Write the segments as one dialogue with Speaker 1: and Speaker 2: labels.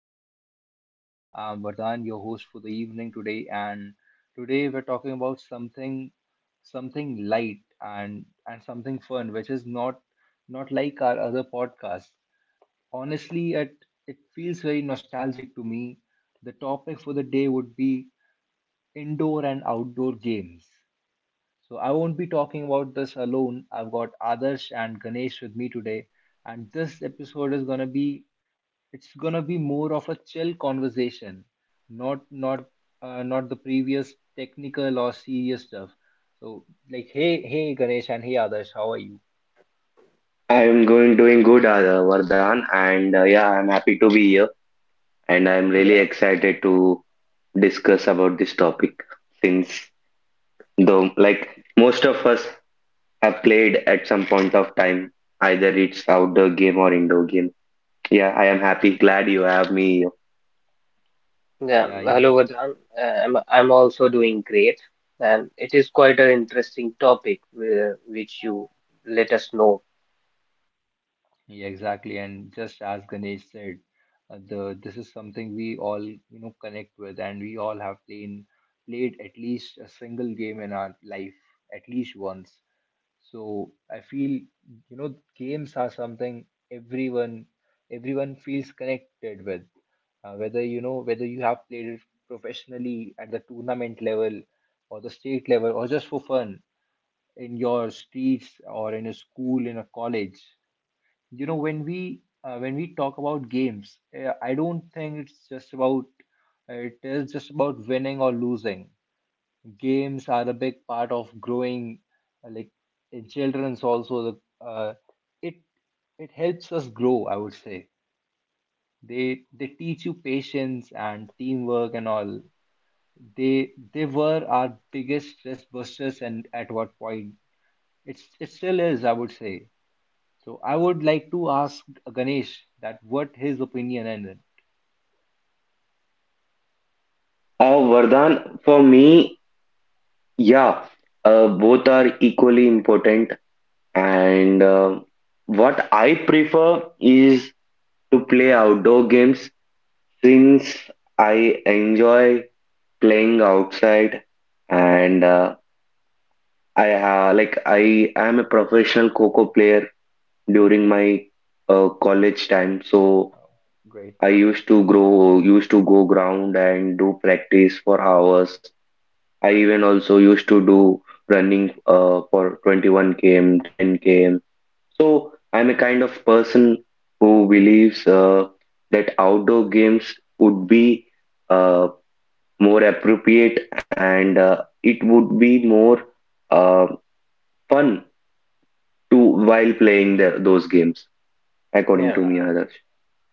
Speaker 1: the podcast. I'm Vardhan, your host for the evening today, and today we're talking about something light and something fun, which is not like our other podcasts. Honestly, it feels very nostalgic to me. The topic for the day would be indoor and outdoor games. So I won't be talking about this alone. I've got Adarsh and Ganesh with me today, and this episode is gonna be more of a chill conversation, not not not the previous technical or serious stuff. So like, hey Ganesh and hey Adarsh, how are you?
Speaker 2: I am going doing good, Vardhan, and yeah, I'm happy to be here, and I'm
Speaker 3: Yeah,
Speaker 2: really excited to discuss about this topic since though like most of us have played at some point of time, either it's outdoor game or indoor game. Yeah, I am happy, glad you have me here.
Speaker 3: yeah.
Speaker 1: Yeah, yeah,
Speaker 3: Hello, Vedant. I'm also doing great, and it is quite an interesting topic which you let us know.
Speaker 1: yeah, exactly. And just as Ganesh said, the this is something we all connect with, and we all have played at least a single game in our life, at least once. So I feel games are something everyone feels connected with. Whether you have played it professionally at the tournament level or the state level or just for fun in your streets or in a school in a college. You know when we talk about games, I don't think it's just about it is just about winning or losing. Games are a big part of growing like in children's also. The it It helps us grow, I would say. They they teach you patience and teamwork and all. They were our biggest stress busters, and at what point it still is, I would say. So I would like to ask Ganesh that what his opinion and.
Speaker 2: Vardhan, for me, yeah, both are equally important, and what I prefer is to play outdoor games since I enjoy playing outside. And I like, I am a professional coco player during my college time, so
Speaker 1: Great.
Speaker 2: I used to go ground and do practice for hours. I even also used to do running for 21 km, 10 km. So I'm a kind of person who believes that outdoor games would be uh, more appropriate and it would be more uh, fun to while playing those games, according
Speaker 3: Yeah,
Speaker 2: to me, Adarsh,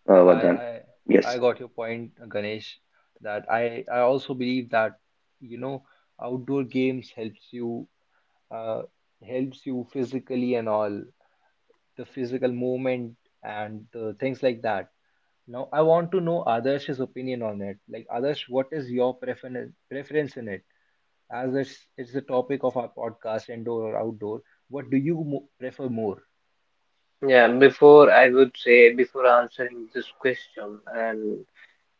Speaker 1: I,
Speaker 2: Vardhan.
Speaker 1: I I
Speaker 2: Yes,
Speaker 1: got your point, Ganesh, that I also believe that, you know, outdoor games uh, helps you physically and all, the physical movement and things like that. Now, I want to know Adarsh's opinion on it. Like, Adarsh, what is your preference in it? As it's the topic of our podcast, indoor or outdoor, what do you mo prefer more?
Speaker 3: yeah. Before I would say before answering this question and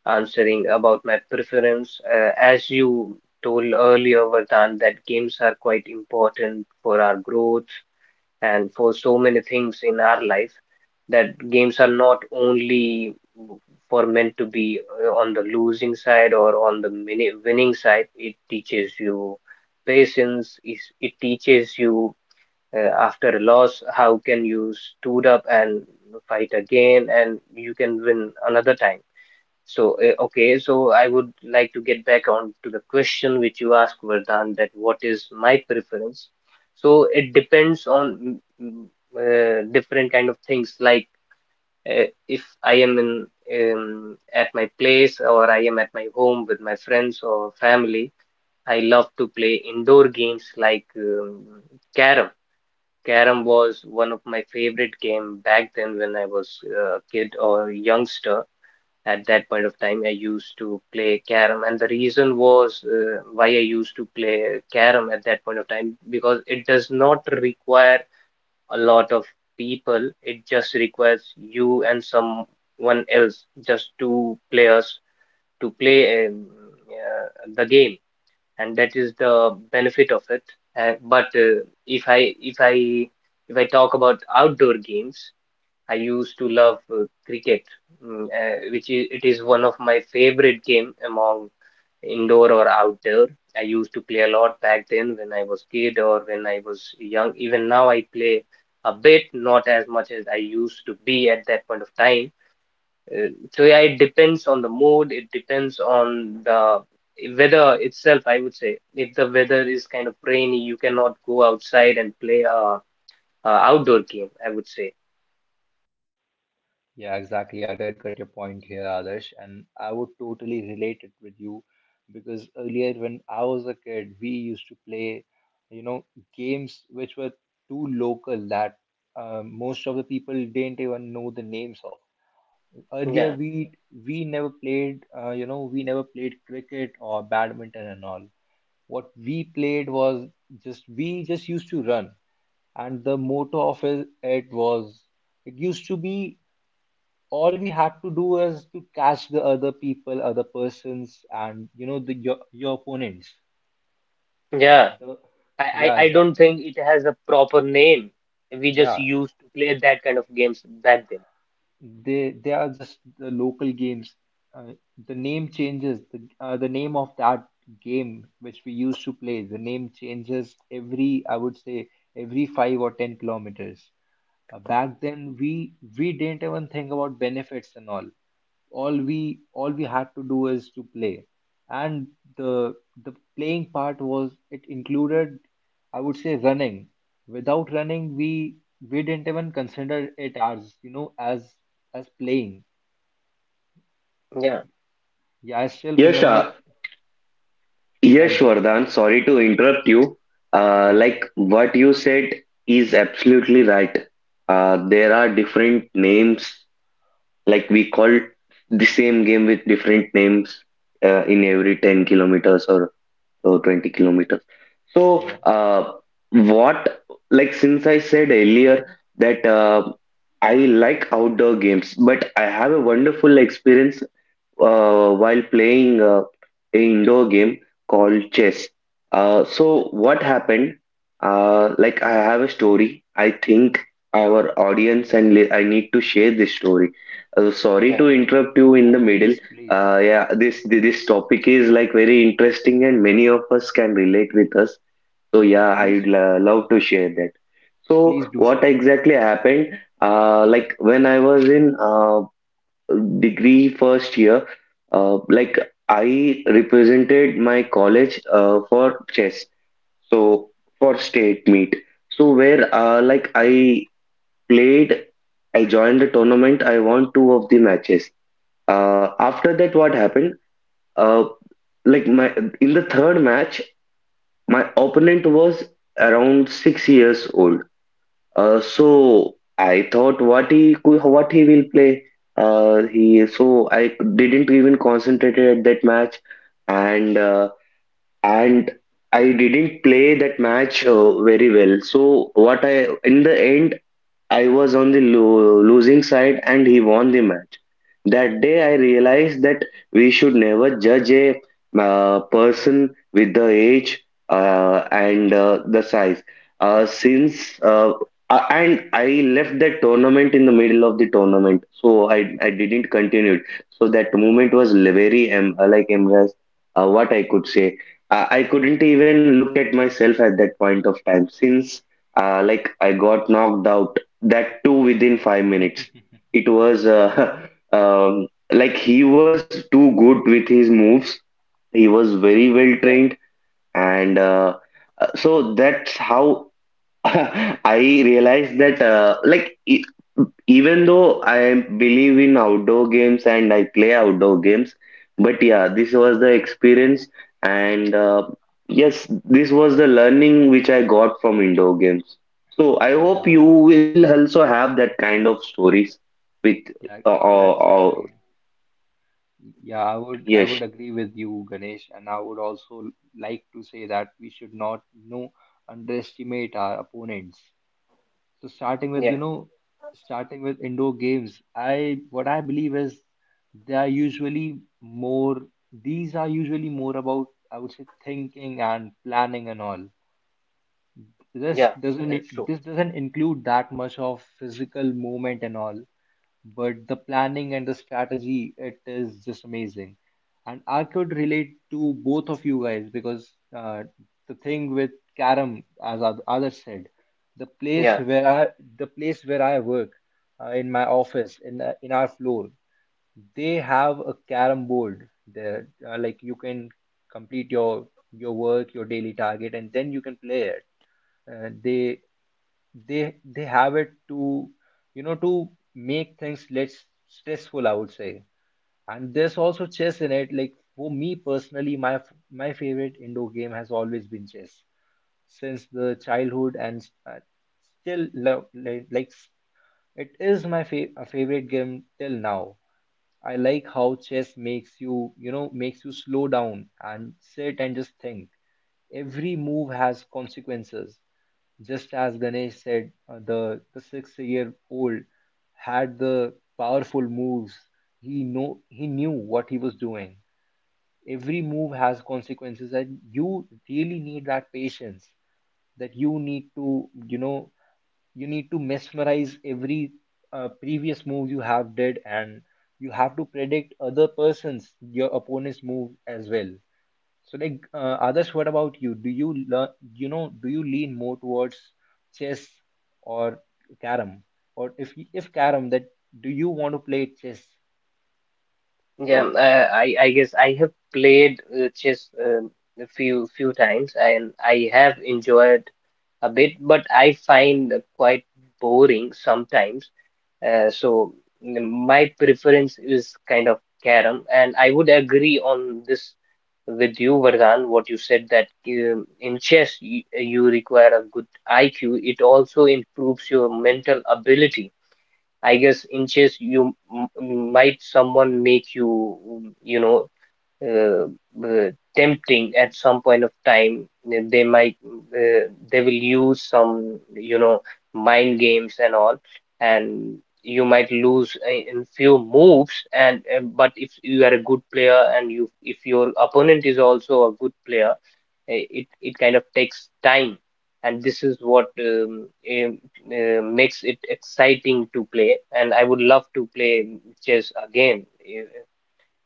Speaker 3: answering about my preference, as you told earlier, Vedant, that games are quite important for our growth and for so many things in our life that games are not only for meant to be on the losing side or on the winning side. It teaches you patience. It teaches you after a loss how can you stood up and fight again, and you can win another time. So, okay, so I would like to get back on to the question which you asked, Vardhan, that what is my preference? So it depends on different kind of things. Like if I am in at my place, or I am at my home with my friends or family, I love to play indoor games like carom. Carom was one of my favorite game back then when I was a kid or youngster. At that point of time, I used to play carom, and the reason was why I used to play carom at that point of time because it does not require a lot of people. It just requires you and someone else, just two players to play uh, the game, and that is the benefit of it. But if I talk about outdoor games, I used to love cricket, which it is one of my favorite game among indoor or outdoor. I used to play a lot back then when I was kid or when I was young. Even now I play a bit, not as much as I used to be at that point of time. So yeah, it depends on the mood. It depends on the weather itself, I would say. If the weather is kind of rainy, you cannot go outside and play a outdoor game, I would say.
Speaker 1: Yeah, exactly. I did get your point here, Adarsh, and I would totally relate it with you because earlier when I was a kid, we used to play, you know, games which were too local that most of the people didn't even know the names of. Earlier,
Speaker 3: Yeah.
Speaker 1: we never played cricket or badminton and all. What we played was just used to run, and the motto of it, it was it used to be, all we had to do is to catch the other people, other persons, and your opponents.
Speaker 3: Yeah.
Speaker 1: Uh,
Speaker 3: I,
Speaker 1: yeah,
Speaker 3: I I
Speaker 1: exactly.
Speaker 3: don't think it has a proper name. We just
Speaker 1: Yeah,
Speaker 3: used to play that kind of games back then.
Speaker 1: they are just the local games. Uh, the name changes. The name of that game which we used to play. The name changes every, I would say, every 5 or 10 kilometers. Back then, we didn't even think about benefits and all. All we had to do is to play, and the the playing part, was it included, I would say, running. Without running, we didn't even consider it as, as playing.
Speaker 3: Yeah,
Speaker 1: Yeah, I still
Speaker 2: yes,
Speaker 1: remember. Yeah,
Speaker 2: yes,
Speaker 1: you can-
Speaker 2: Vardhan, sorry to interrupt you.
Speaker 1: okay.
Speaker 2: Like, what you said is absolutely right. There are different names. Like, we call the same game with different names in every 10 kilometers or 20 kilometers. So,
Speaker 1: Yeah,
Speaker 2: what, like, since I said earlier that I like outdoor games, but I have a wonderful experience while playing a indoor game called chess. So, what happened? Like, I have a story. I think our audience and I need to share this story. Sorry
Speaker 3: yeah,
Speaker 2: to interrupt you
Speaker 1: yeah.
Speaker 2: in the middle.
Speaker 1: Please, please.
Speaker 2: Yeah, this topic is like very interesting, and many of us can relate with us. So
Speaker 1: Yeah,
Speaker 2: yeah,
Speaker 1: please,
Speaker 2: I'd love to share that.
Speaker 1: please
Speaker 2: So
Speaker 1: do
Speaker 2: what
Speaker 1: share.
Speaker 2: exactly happened? Like, when I was in degree first year, like, I represented my college for chess. So for state meet. So where, like, I played, I joined the tournament. I won two of the matches. After that, what happened? Uh, like, my in the third match, my opponent was around 6 years old. So I thought what he will play. He, so I didn't even concentrate at that match, and uh, and I didn't play that match very well. So what I, in the end, I was on the losing side, and he won the match. That day, I realized that we should never judge a person with the age and the size. Since and I left that tournament in the middle of the tournament, so I didn't continue it. So that moment was, very like, embarrassed. What I could say, I couldn't even look at myself at that point of time since, like, I got knocked out, that too within 5 minutes. It was um, like, he was too good with his moves. He was very well
Speaker 3: yeah,
Speaker 2: trained, and so that's how I realized that, like, even though I believe in outdoor games and I play outdoor games, but yeah, this was the experience, and yes, this was the learning which I got from indoor games. So I hope
Speaker 1: Yeah,
Speaker 2: you will also have that kind of stories with,
Speaker 1: yeah,
Speaker 2: uh, uh,
Speaker 1: yeah.
Speaker 2: uh,
Speaker 1: Exactly. Yeah, I would I
Speaker 2: yes.
Speaker 1: would agree with you, Ganesh, and I would also like to say that we should not, underestimate our opponents. So starting with,
Speaker 3: yeah,
Speaker 1: indoor games, I what I believe is they are usually more these are usually more about, I would say, thinking and planning and all. this
Speaker 3: yeah.
Speaker 1: doesn't
Speaker 3: That's true.
Speaker 1: this doesn't include that much of physical movement and all, but the planning and the strategy, it is just amazing. And I could relate to both of you guys because the thing with karam, as others said, the place
Speaker 3: Yeah,
Speaker 1: where i the place where I work, in my office in our floor, they have a carom board there. Like, you can complete your work, your daily target, and then you can play it. Uh, they they they have it to, to make things less stressful, I would say. And there's also chess in it. Like, for me personally, my favorite indoor game has always been chess since the childhood, and still love. It is my a favorite game till now. I like how chess makes you, slow down and sit and just think. Every move has consequences. Just as Ganesh said, the 6-year old had the powerful moves. He knew what he was doing. Every move has consequences, and you really need that patience. That you need to, you need to mesmerize every previous move you have did, and you have to predict other person's your opponent's move as well. So like, others, what about you? Do you learn? You know, do you lean more towards chess or carom? Or if carom, that, do you want to play chess?
Speaker 3: yeah. I guess I have played chess a few times, and I have enjoyed a bit, but I find quite boring sometimes. So my preference is kind of carom, and I would agree on this with you, Vardhan, what you said that in chess you require a good IQ. It also improves your mental ability. I guess in chess you might someone make you, you know, uh, uh, tempting at some point of time. Uh, they might uh, they will use some, you know, mind games and all, and you might lose in few moves. And uh, but if you are a good player and you if your opponent is also a good player, it kind of takes time, and this is what makes it exciting to play, and I would love to play chess again.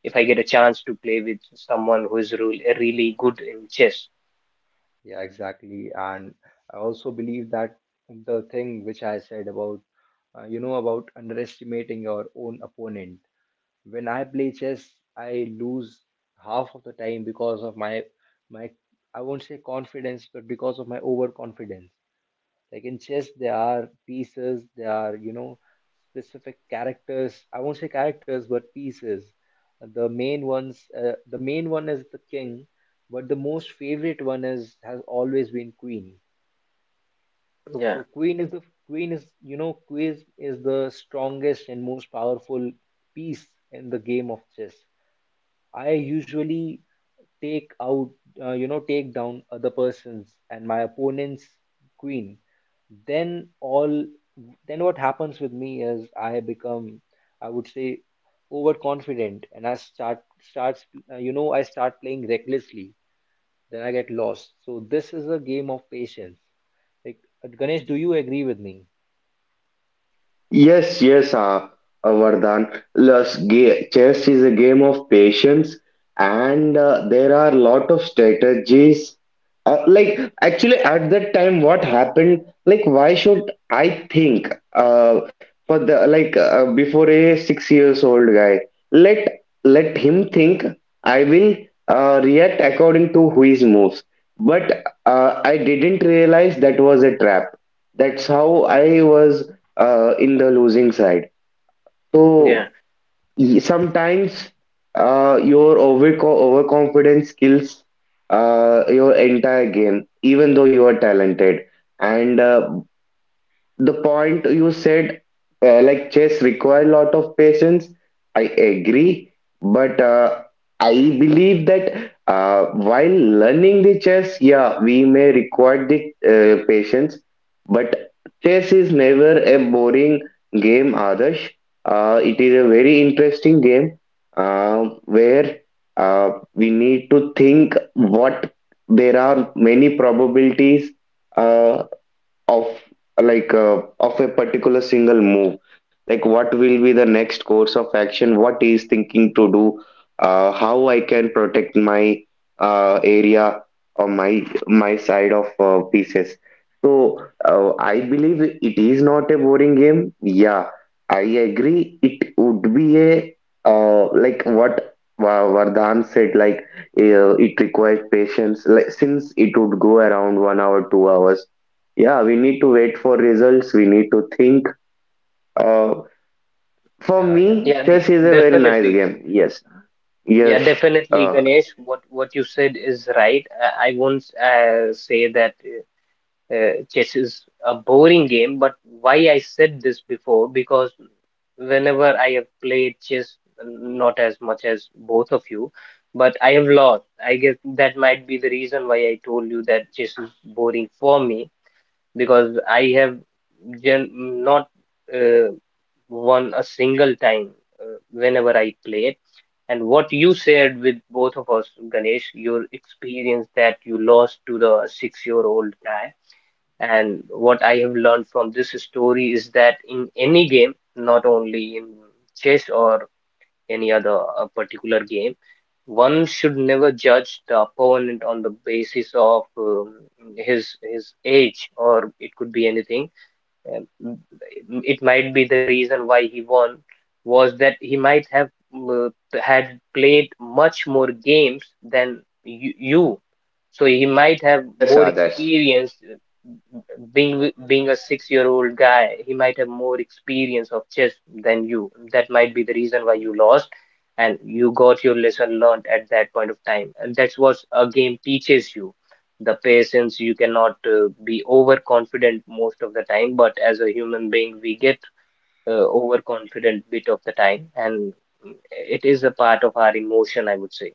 Speaker 3: If I get a chance to play with someone who is really, really good in chess.
Speaker 1: Yeah, exactly. And I also believe that the thing which I said about, underestimating your own opponent. When I play chess, I lose half of the time because of my, my, I won't say confidence, but because of my overconfidence. Like in chess, there are pieces, there are, specific characters. I won't say characters, but pieces. The main one is the king, but the most favorite one is has always been queen.
Speaker 3: Yeah,
Speaker 1: So queen is, the strongest and most powerful piece in the game of chess. I usually take out, you know, take down other person's and my opponent's queen. Then all, then what happens with me is I become, I would say, overconfident, and I start starts, you know, I start playing recklessly. Then I get lost. So this is a game of patience. Like, Ganesh, do you agree with me?
Speaker 2: Yes, yes, Vardhan. Plus, chess is a game of patience, and there are a lot of strategies. Like, actually, at that time, what happened? Like, why should I think? For the, like, before a 6 years old guy, let him think. I will react according to his moves. But I didn't realize that was a trap. That's how I was, in the losing side.
Speaker 3: yeah,
Speaker 2: So sometimes, your overconfidence kills your entire game, even though you are talented. And the point you said, like, chess require a lot of patience, I agree. But I believe that uh, while learning the chess, yeah, we may require the patience. But chess is never a boring game, Adarsh. It is a very interesting game, uh, where uh, we need to think what, there are many probabilities uh, of, like, of a particular single move, like what will be the next course of action, what he is thinking to do, how I can protect my area or my side of pieces. So I believe it is not a boring game. Yeah, I agree it would be a, like, what Vardhan said. Like, it requires patience. Like, since it would go around 1 hour, 2 hours, yeah, we need to wait for results. We need to think. Uh, for
Speaker 1: Yeah, yeah.
Speaker 2: me,
Speaker 3: yeah,
Speaker 2: chess is a very nice
Speaker 3: definitely.
Speaker 2: game. Yes,
Speaker 3: Yeah,
Speaker 2: yes,
Speaker 3: definitely,
Speaker 2: uh,
Speaker 3: Ganesh. What you said is right. I won't say that chess is a boring game, but why I said this before, because whenever I have played chess, not as much as both of you, but I have lost. I guess that might be the reason why I told you that chess is boring for me because I have gen not uh, won a single time whenever I played. And what you shared with both of us, Ganesh, your experience that you lost to the six-year-old guy, and what I have learned from this story is that in any game, not only in chess or any other particular game, one should never judge the opponent on the basis of his age, or it could be anything, and it might be the reason why he won was that he might have uh, had played much more games than you. So he might
Speaker 2: yes,
Speaker 3: have
Speaker 2: yes,
Speaker 3: more
Speaker 2: Adarsh.
Speaker 3: experience being being a six-year-old guy. He might have more experience of chess than you. That might be the reason why you lost, and you got your lesson learned at that point of time. And that's what a game teaches you: the patience. You cannot be overconfident most of the time, but as a human being we get uh, overconfident bit of the time, and it is a part of our emotion, I would say.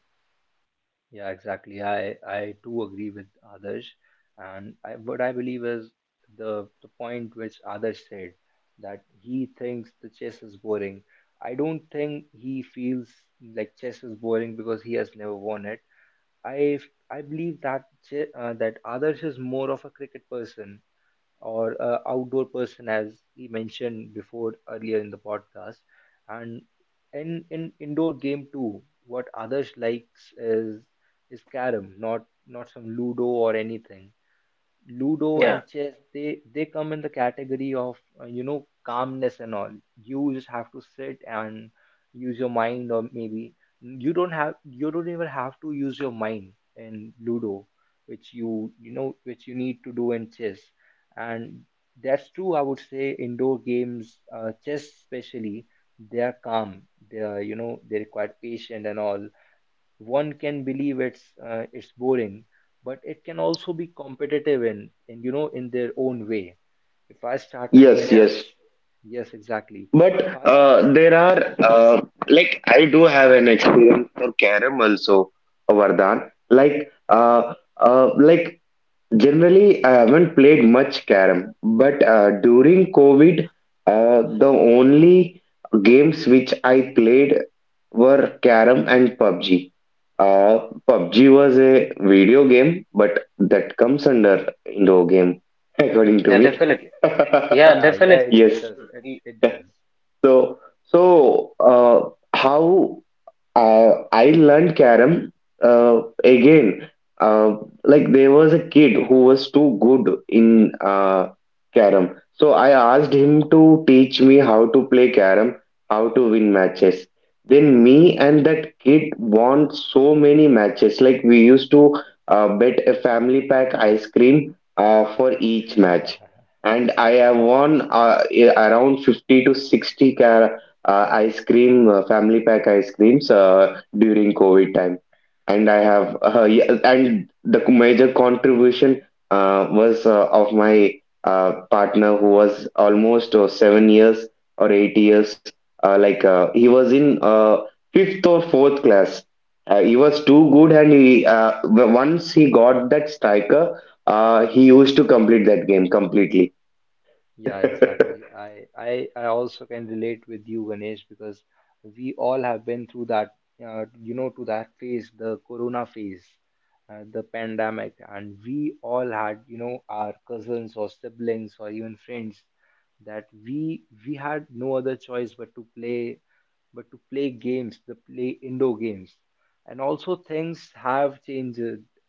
Speaker 1: Yeah, exactly. I do agree with others, and what I believe is the point which others said, that he thinks the chess is boring. I don't think he feels like chess is boring because he has never won it. I I believe that others is more of a cricket person or a outdoor person, as we mentioned before earlier in the podcast. And in indoor game too, what others likes is carom, not some ludo or anything. Ludo
Speaker 3: Yeah,
Speaker 1: and chess, they come in the category of, calmness and all. You just have to sit and use your mind, or maybe you don't even have to use your mind in Ludo, which you need to do in chess. And that's true, I would say indoor games, chess especially, they are calm. They are you know they require patience and all. One can believe it's boring, but it can also be competitive in, in their own way, if I start playing
Speaker 2: Yes,
Speaker 3: yeah,
Speaker 1: chess.
Speaker 2: yes.
Speaker 1: Yes, exactly. if
Speaker 2: But
Speaker 1: I s-
Speaker 2: there are, like, I do have an experience for carom also, Vardhan. Like, like, generally, I haven't played much carom, but during COVID, the only games which I played were carom and PUBG. PUBG was a video game, but that comes under indoor game, according to
Speaker 3: yeah,
Speaker 2: me.
Speaker 3: definitely. Yeah,
Speaker 1: Yeah, yeah, it,
Speaker 3: definitely.
Speaker 1: it
Speaker 2: Yes.
Speaker 1: does
Speaker 3: Mm, y-
Speaker 1: it.
Speaker 2: So, how? I learned carom again. Uh, like, there was a kid who was too good in, carom, so I asked him to teach me how to play carom, how to win matches. Then me and that kid won so many matches. Like, we used to bet a family pack ice cream for each match, and I have won, around 50 to 60 car ice cream, family pack ice creams during COVID time. And I have, yeah, and the major contribution was of my partner who was almost 7 years or 8 years. Like, he was in fifth or fourth class. He was too good, and he, once he got that striker, he used to complete that game completely.
Speaker 1: Yeah, exactly. I also can relate with you, Ganesh, because we all have been through that, you know, to that phase, the corona phase, the pandemic, and we all had, our cousins or siblings or even friends, that we had no other choice but to play games, the play indoor games. And also things have changed.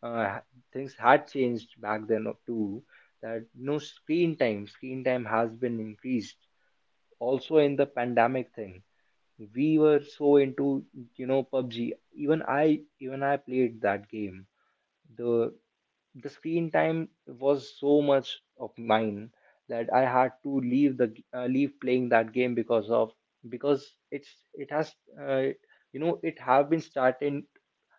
Speaker 1: Uh, Things had changed back then too, that, screen time has been increased, also in the pandemic thing. We were so into, PUBG. Even I played that game. the the screen time was so much of mine that I had to leave playing that game because of, because it's, it has, it have been started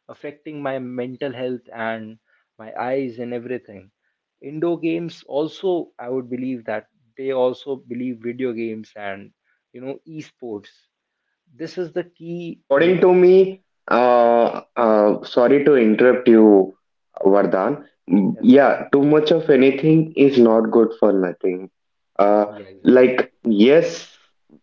Speaker 1: affecting my mental health and my eyes and everything. Indoor games also, I would believe that they also believe video games and, esports. This is the
Speaker 2: See,
Speaker 1: key. That's
Speaker 2: according to me, sorry to interrupt you, Vardhan. Yeah,
Speaker 1: right.
Speaker 2: too much of anything is not good for nothing. Uh,
Speaker 1: Yeah, exactly.
Speaker 2: like, yes,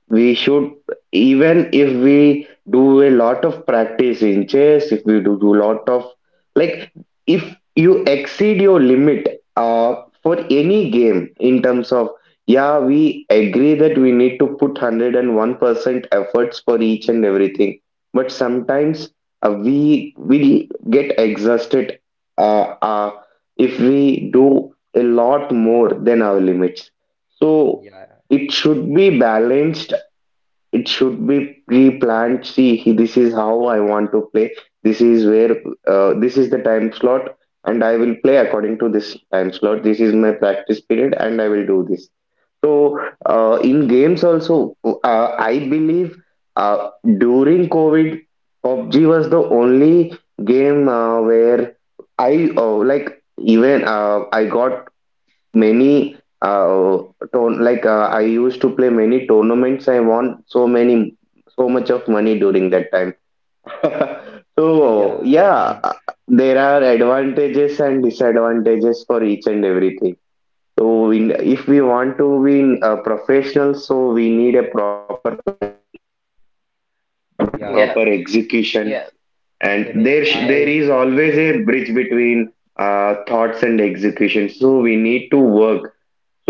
Speaker 2: we should, even if we do a lot of practice in chess, if we do lot of, like, if you exceed your limit for any game, in terms of, yeah, we agree that we need to put 101% efforts for each and everything. But sometimes, we will get exhausted, uh, uh, if we do a lot more than our limits. So it should be balanced, it should be pre-planned. See, this is how I want to play, this is where, this is the time slot, and I will play according to this time slot, this is my practice period, and I will do this. So, in games also, I believe uh, during COVID, PUBG was the only game where I, like, even, I got many uh ton like, I used to play many tournaments. I won, so much of money during that time. So
Speaker 1: Yeah,
Speaker 2: yeah, there are advantages and disadvantages for each and everything. So we, if we want to be professional, so we need a proper planning and
Speaker 1: yeah,
Speaker 2: proper
Speaker 3: yeah,
Speaker 1: Ganesh.
Speaker 2: execution.
Speaker 3: yeah,
Speaker 2: And
Speaker 1: Ganesh,
Speaker 3: yeah,
Speaker 2: there
Speaker 1: I
Speaker 2: is always a bridge between thoughts and execution. So we need to work.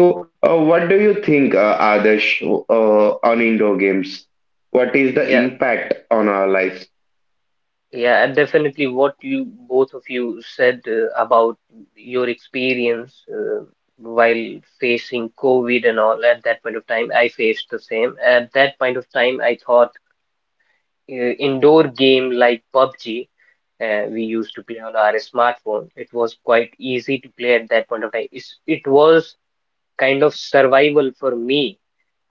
Speaker 2: So, what do you think, Adarsh, on indoor games? What is the
Speaker 3: yeah,
Speaker 2: impact on our lives?
Speaker 3: yeah. And definitely what you both of you said about your experience while facing covid and all. At that point of time I faced the same. At that point of time I thought uh, indoor game like PUBG we used to play on our smartphone. It was quite easy to play at that point of time. It was kind of survival for me.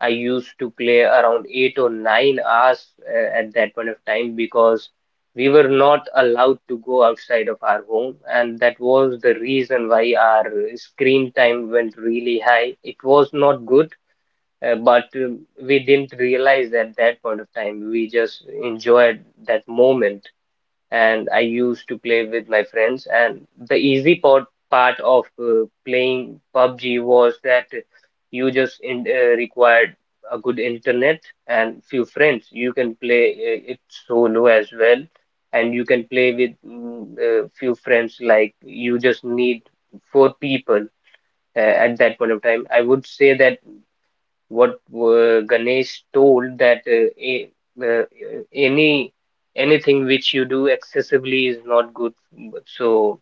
Speaker 3: I used to play around 8 or 9 hours at that point of time because we were not allowed to go outside of our home, and that was the reason why our screen time went really high. It was not good, but we didn't realize at that point of time. We just enjoyed that moment. And I used to play with my friends. And the easy part of playing PUBG was that you just required a good internet and few friends. You can play it solo as well, and you can play with few friends. Like you just need four people uh, at that point of time. I would say that what Ganesh told that a, uh, any anything which you do excessively is not good. So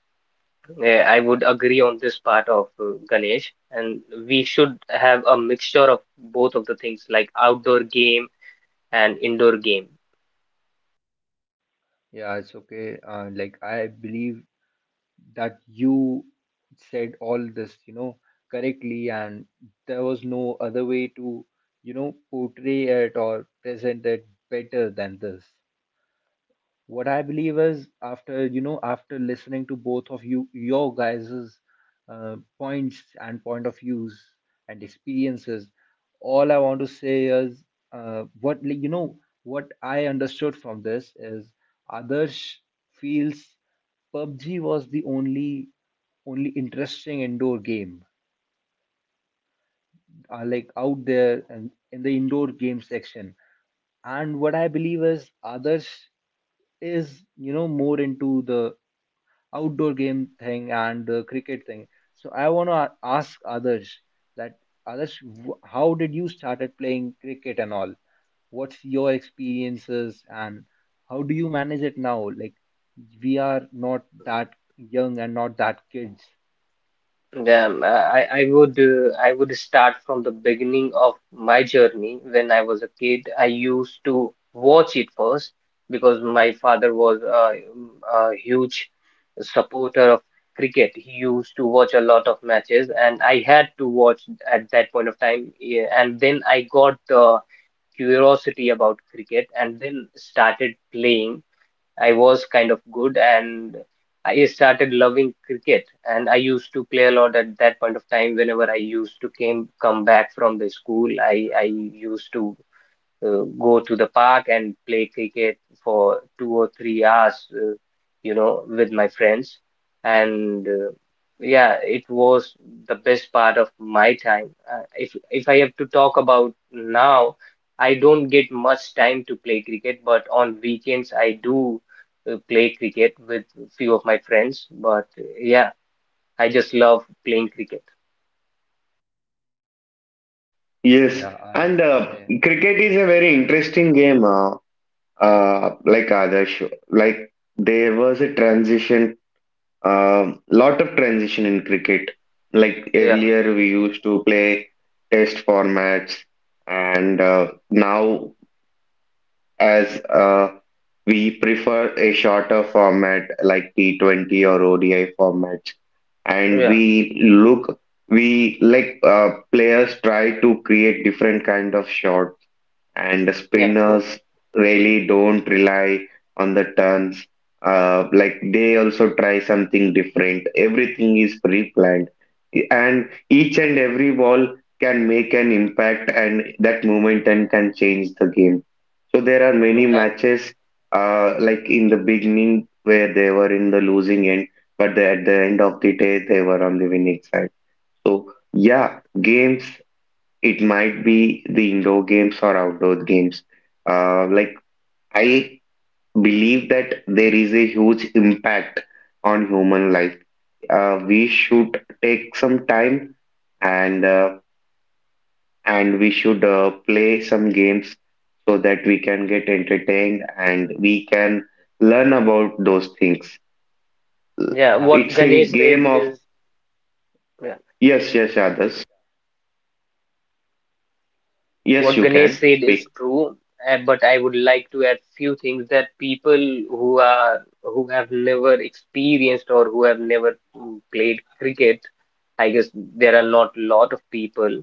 Speaker 3: I would agree on this part of Ganesh, and we should have a mixture of both of the things, like outdoor game and indoor game.
Speaker 1: Yeah, it's okay. Like I believe that you said all this, correctly, and there was no other way to, portray it or present it better than this. What I believe is after after listening to both of you, your guys's points and point of views and experiences, all I want to say is what like, you know what I understood from this is Adarsh feels PUBG was the only interesting indoor game like out there and in the indoor game section. And what I believe is others is, you know, more into the outdoor game thing and the cricket thing. So I want to ask others that, others, how did you started playing cricket and all? What's your experiences and how do you manage it now? Like, we are not that young and not that kids.
Speaker 3: Then I would start from the beginning of my journey. When I was a kid, I used to watch it first because my father was a huge supporter of cricket. He used to watch a lot of matches, and I had to watch at that point of time. Yeah. And then I got the curiosity about cricket, and then started playing. I was kind of good, and I started loving cricket, and I used to play a lot at that point of time. Whenever I used to came come back from the school, I used to go to the park and play cricket for 2 or 3 hours, you know, with my friends. And yeah, it was the best part of my time. If I have to talk about now, I don't get much time to play cricket, but on weekends I do play cricket with few of my friends. But yeah, I just love playing cricket.
Speaker 2: Yes,
Speaker 1: Yeah, I,
Speaker 2: and
Speaker 1: I,
Speaker 2: cricket is a very interesting game, like, Adarsh. Like, there was a transition, lot of transition in cricket. Like
Speaker 3: Yeah,
Speaker 2: earlier, we used to play test formats, and now, as we prefer a shorter format like T20 or ODI format. And
Speaker 3: yeah,
Speaker 2: we like, players try to create different kind of shot, and
Speaker 3: yeah, true.
Speaker 2: spinners really don't rely on the turns. Like, they also try something different. Everything is pre-planned, and each and every ball can make an impact, and that momentum can change the game. So there are many
Speaker 3: Yeah,
Speaker 2: matches, like in the beginning where they were in the losing end, but they, at the end of the day, they were on the winning side. So yeah, games, it might be the indoor games or outdoor games. Like, I believe that there is a huge impact on human life. We should take some time, and uh, and we should play some games so that we can get entertained and we can learn about those things.
Speaker 3: yeah.
Speaker 1: yeah,
Speaker 3: What
Speaker 2: It's a
Speaker 3: Ganesh
Speaker 1: exactly.
Speaker 3: said
Speaker 2: game of.
Speaker 3: is. Yeah.
Speaker 2: Yes, yes,
Speaker 1: Yeah.
Speaker 2: others. Yes,
Speaker 3: What
Speaker 2: you
Speaker 3: Ganesh
Speaker 2: can
Speaker 3: said is
Speaker 2: speak.
Speaker 3: true, but I would like to add few things that people who are who have never experienced or who have never played cricket, I guess there are not a lot of people,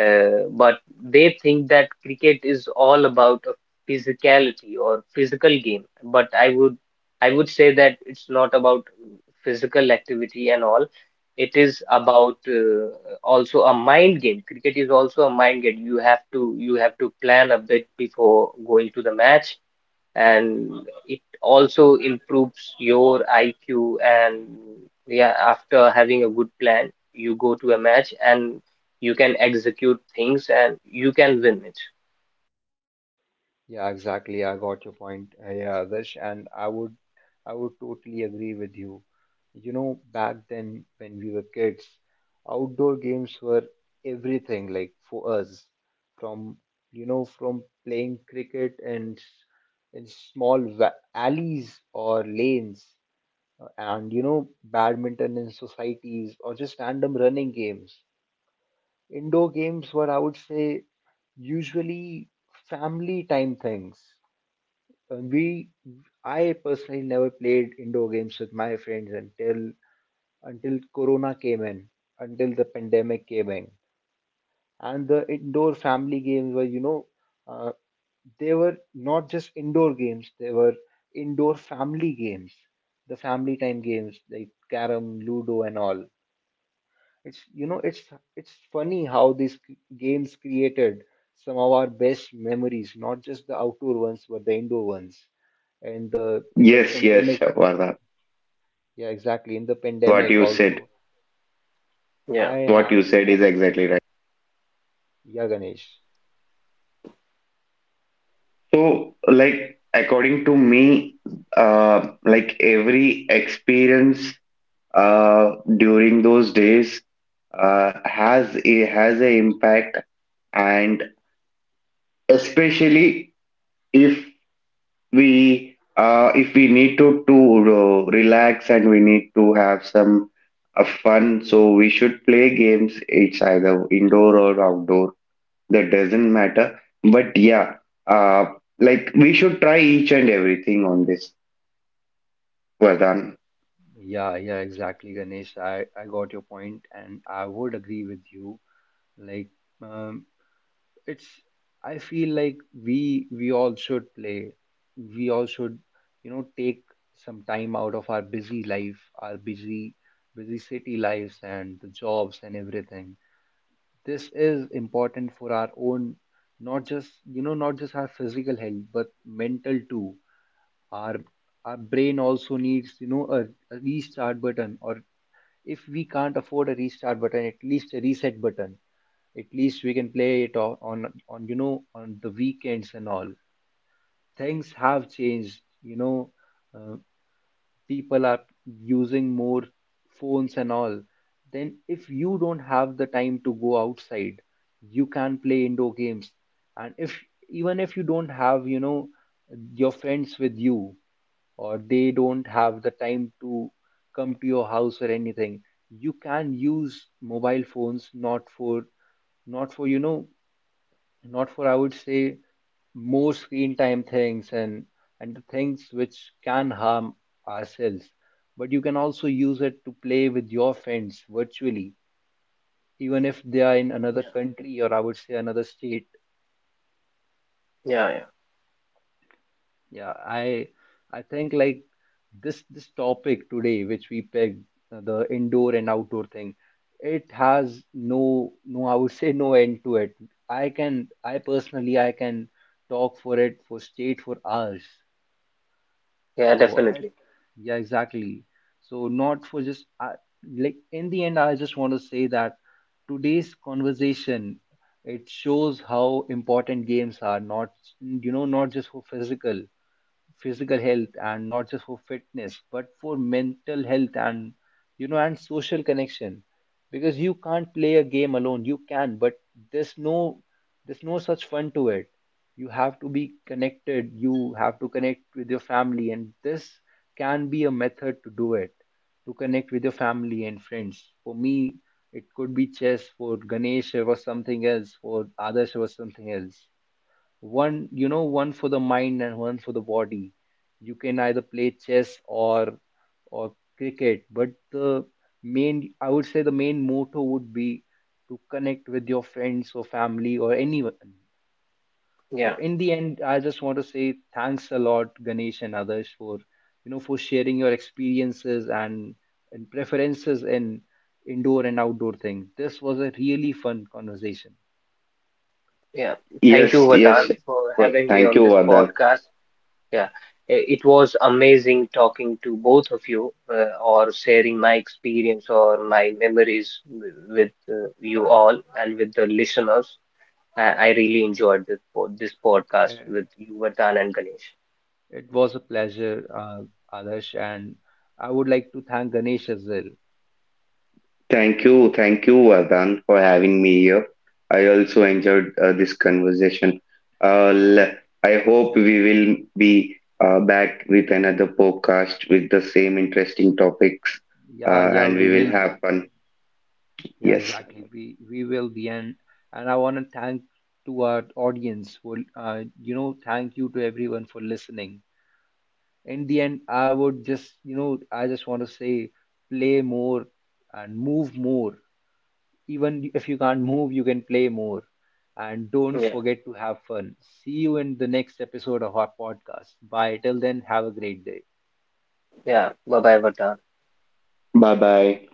Speaker 3: but they think that cricket is all about a physicality or physical game. But I would say that it's not about physical activity and all. It is about also a mind game. Cricket is also a mind game. You have to plan a bit before going to the match, and it also improves your IQ. And yeah, after having a good plan you go to a match, and you can execute things, and you can win it.
Speaker 1: Yeah, exactly. I got your point, yeah, Adarsh, and I would totally agree with you. You know, back then when we were kids, outdoor games were everything. Like for us, from you know, from playing cricket and in small alleys or lanes, and you know, badminton in societies or just random running games. Indoor games were, I would say, usually family time things. We I personally never played indoor games with my friends until Corona came in, until the pandemic came in, and the indoor family games were, you know, uh, they were not just indoor games; they were indoor family games, the family time games like carom, ludo, and all. It's you know it's funny how these games created some of our best memories, not just the outdoor ones, but the indoor ones. And the in the
Speaker 2: Yes, yes,
Speaker 1: pandemic,
Speaker 2: Vardha.
Speaker 1: yeah, exactly. In the
Speaker 2: Yes, what
Speaker 1: pandemic
Speaker 2: you said.
Speaker 1: also,
Speaker 3: Yeah,
Speaker 1: I
Speaker 2: Yes, what you
Speaker 1: have
Speaker 2: said is exactly right.
Speaker 1: yeah, Ganesh.
Speaker 2: So, like, according to me, like, every experience during those days has a impact, and especially, if if we need to relax, and we need to have some fun, so we should play games. It's either indoor or outdoor, that doesn't matter. But yeah, uh, like, we should try each and everything on this, Vardhan.
Speaker 1: Yeah, yeah, exactly, Ganesh. I got your point, and I would agree with you. Like, um, it's, I feel like we all should play, we all should you know, take some time out of our busy life, our busy city lives and the jobs and everything. This is important for our own, not just you know not just our physical health but mental too. our our brain also needs, you know, a restart button, or if we can't afford a restart button, at least a reset button. At least we can play it on you know on the weekends and all. Things have changed, you know. uh, People are using more phones and all. Then if you don't have the time to go outside, you can play indoor games. And if even if you don't have, you know, your friends with you, or they don't have the time to come to your house or anything, you can use mobile phones not for not for you know not for I would say more screen time things and the things which can harm ourselves. But you can also use it to play with your friends virtually, even if they are in another
Speaker 3: yeah,
Speaker 1: country or I would say another state.
Speaker 3: yeah, yeah,
Speaker 1: Yeah, I think like this topic today, which we picked, the indoor and outdoor thing, it has no I would say no end to it. I personally I can talk for it for state for hours.
Speaker 3: yeah,
Speaker 1: So I,
Speaker 3: definitely.
Speaker 1: yeah exactly. So not for just I, like in the end I just want to say that today's conversation, it shows how important games are, not you know not just for physical physical health and not just for fitness, but for mental health and you know and social connection. Because you can't play a game alone, you can, but there's no there's no such fun to it. You have to be connected, you have to connect with your family, and this can be a method to do it, to connect with your family and friends. For me, it could be chess, for Ganesh it was something else, for others it was something else. One you know one for the mind and one for the body. You can either play chess or cricket, but the main I would say the main motto would be to connect with your friends or family or anyone. So
Speaker 3: Yeah,
Speaker 1: in the end I just want to say thanks a lot Ganesh and others for you know for sharing your experiences and preferences in indoor and outdoor thing. This was a really fun conversation.
Speaker 3: yeah. Thank you,
Speaker 2: Yes, yes.
Speaker 3: Vardhan, for
Speaker 2: Well,
Speaker 3: having me
Speaker 2: thank
Speaker 3: on
Speaker 2: you,
Speaker 3: this
Speaker 2: Vardhan.
Speaker 3: podcast. Yeah, it was amazing talking to both of you, or sharing my experience or my memories with you all and with the listeners. I really enjoyed this podcast with you, Vardhan and Ganesh.
Speaker 1: It was a pleasure, Adarsh, and I would like to thank Ganesh as well.
Speaker 2: Thank you, Vardhan, for having me here. I also enjoyed this conversation. Uh, l- I hope we will be back with another podcast with the same interesting topics,
Speaker 1: Yeah, yeah,
Speaker 2: and
Speaker 1: we
Speaker 2: we will
Speaker 1: will
Speaker 2: have
Speaker 1: be.
Speaker 2: fun.
Speaker 1: Yeah,
Speaker 2: Yes.
Speaker 1: exactly. We will be, and I want to thank to our audience for you know, thank you to everyone for listening. In the end, I would just you know, I just want to say, play more and move more. Even if you can't move, you can play more. And don't
Speaker 3: Yeah,
Speaker 1: forget to have fun. See you in the next episode of our podcast. Bye. Till then, have a great day.
Speaker 3: yeah. Bye bye, Vardhan.
Speaker 2: Bye bye.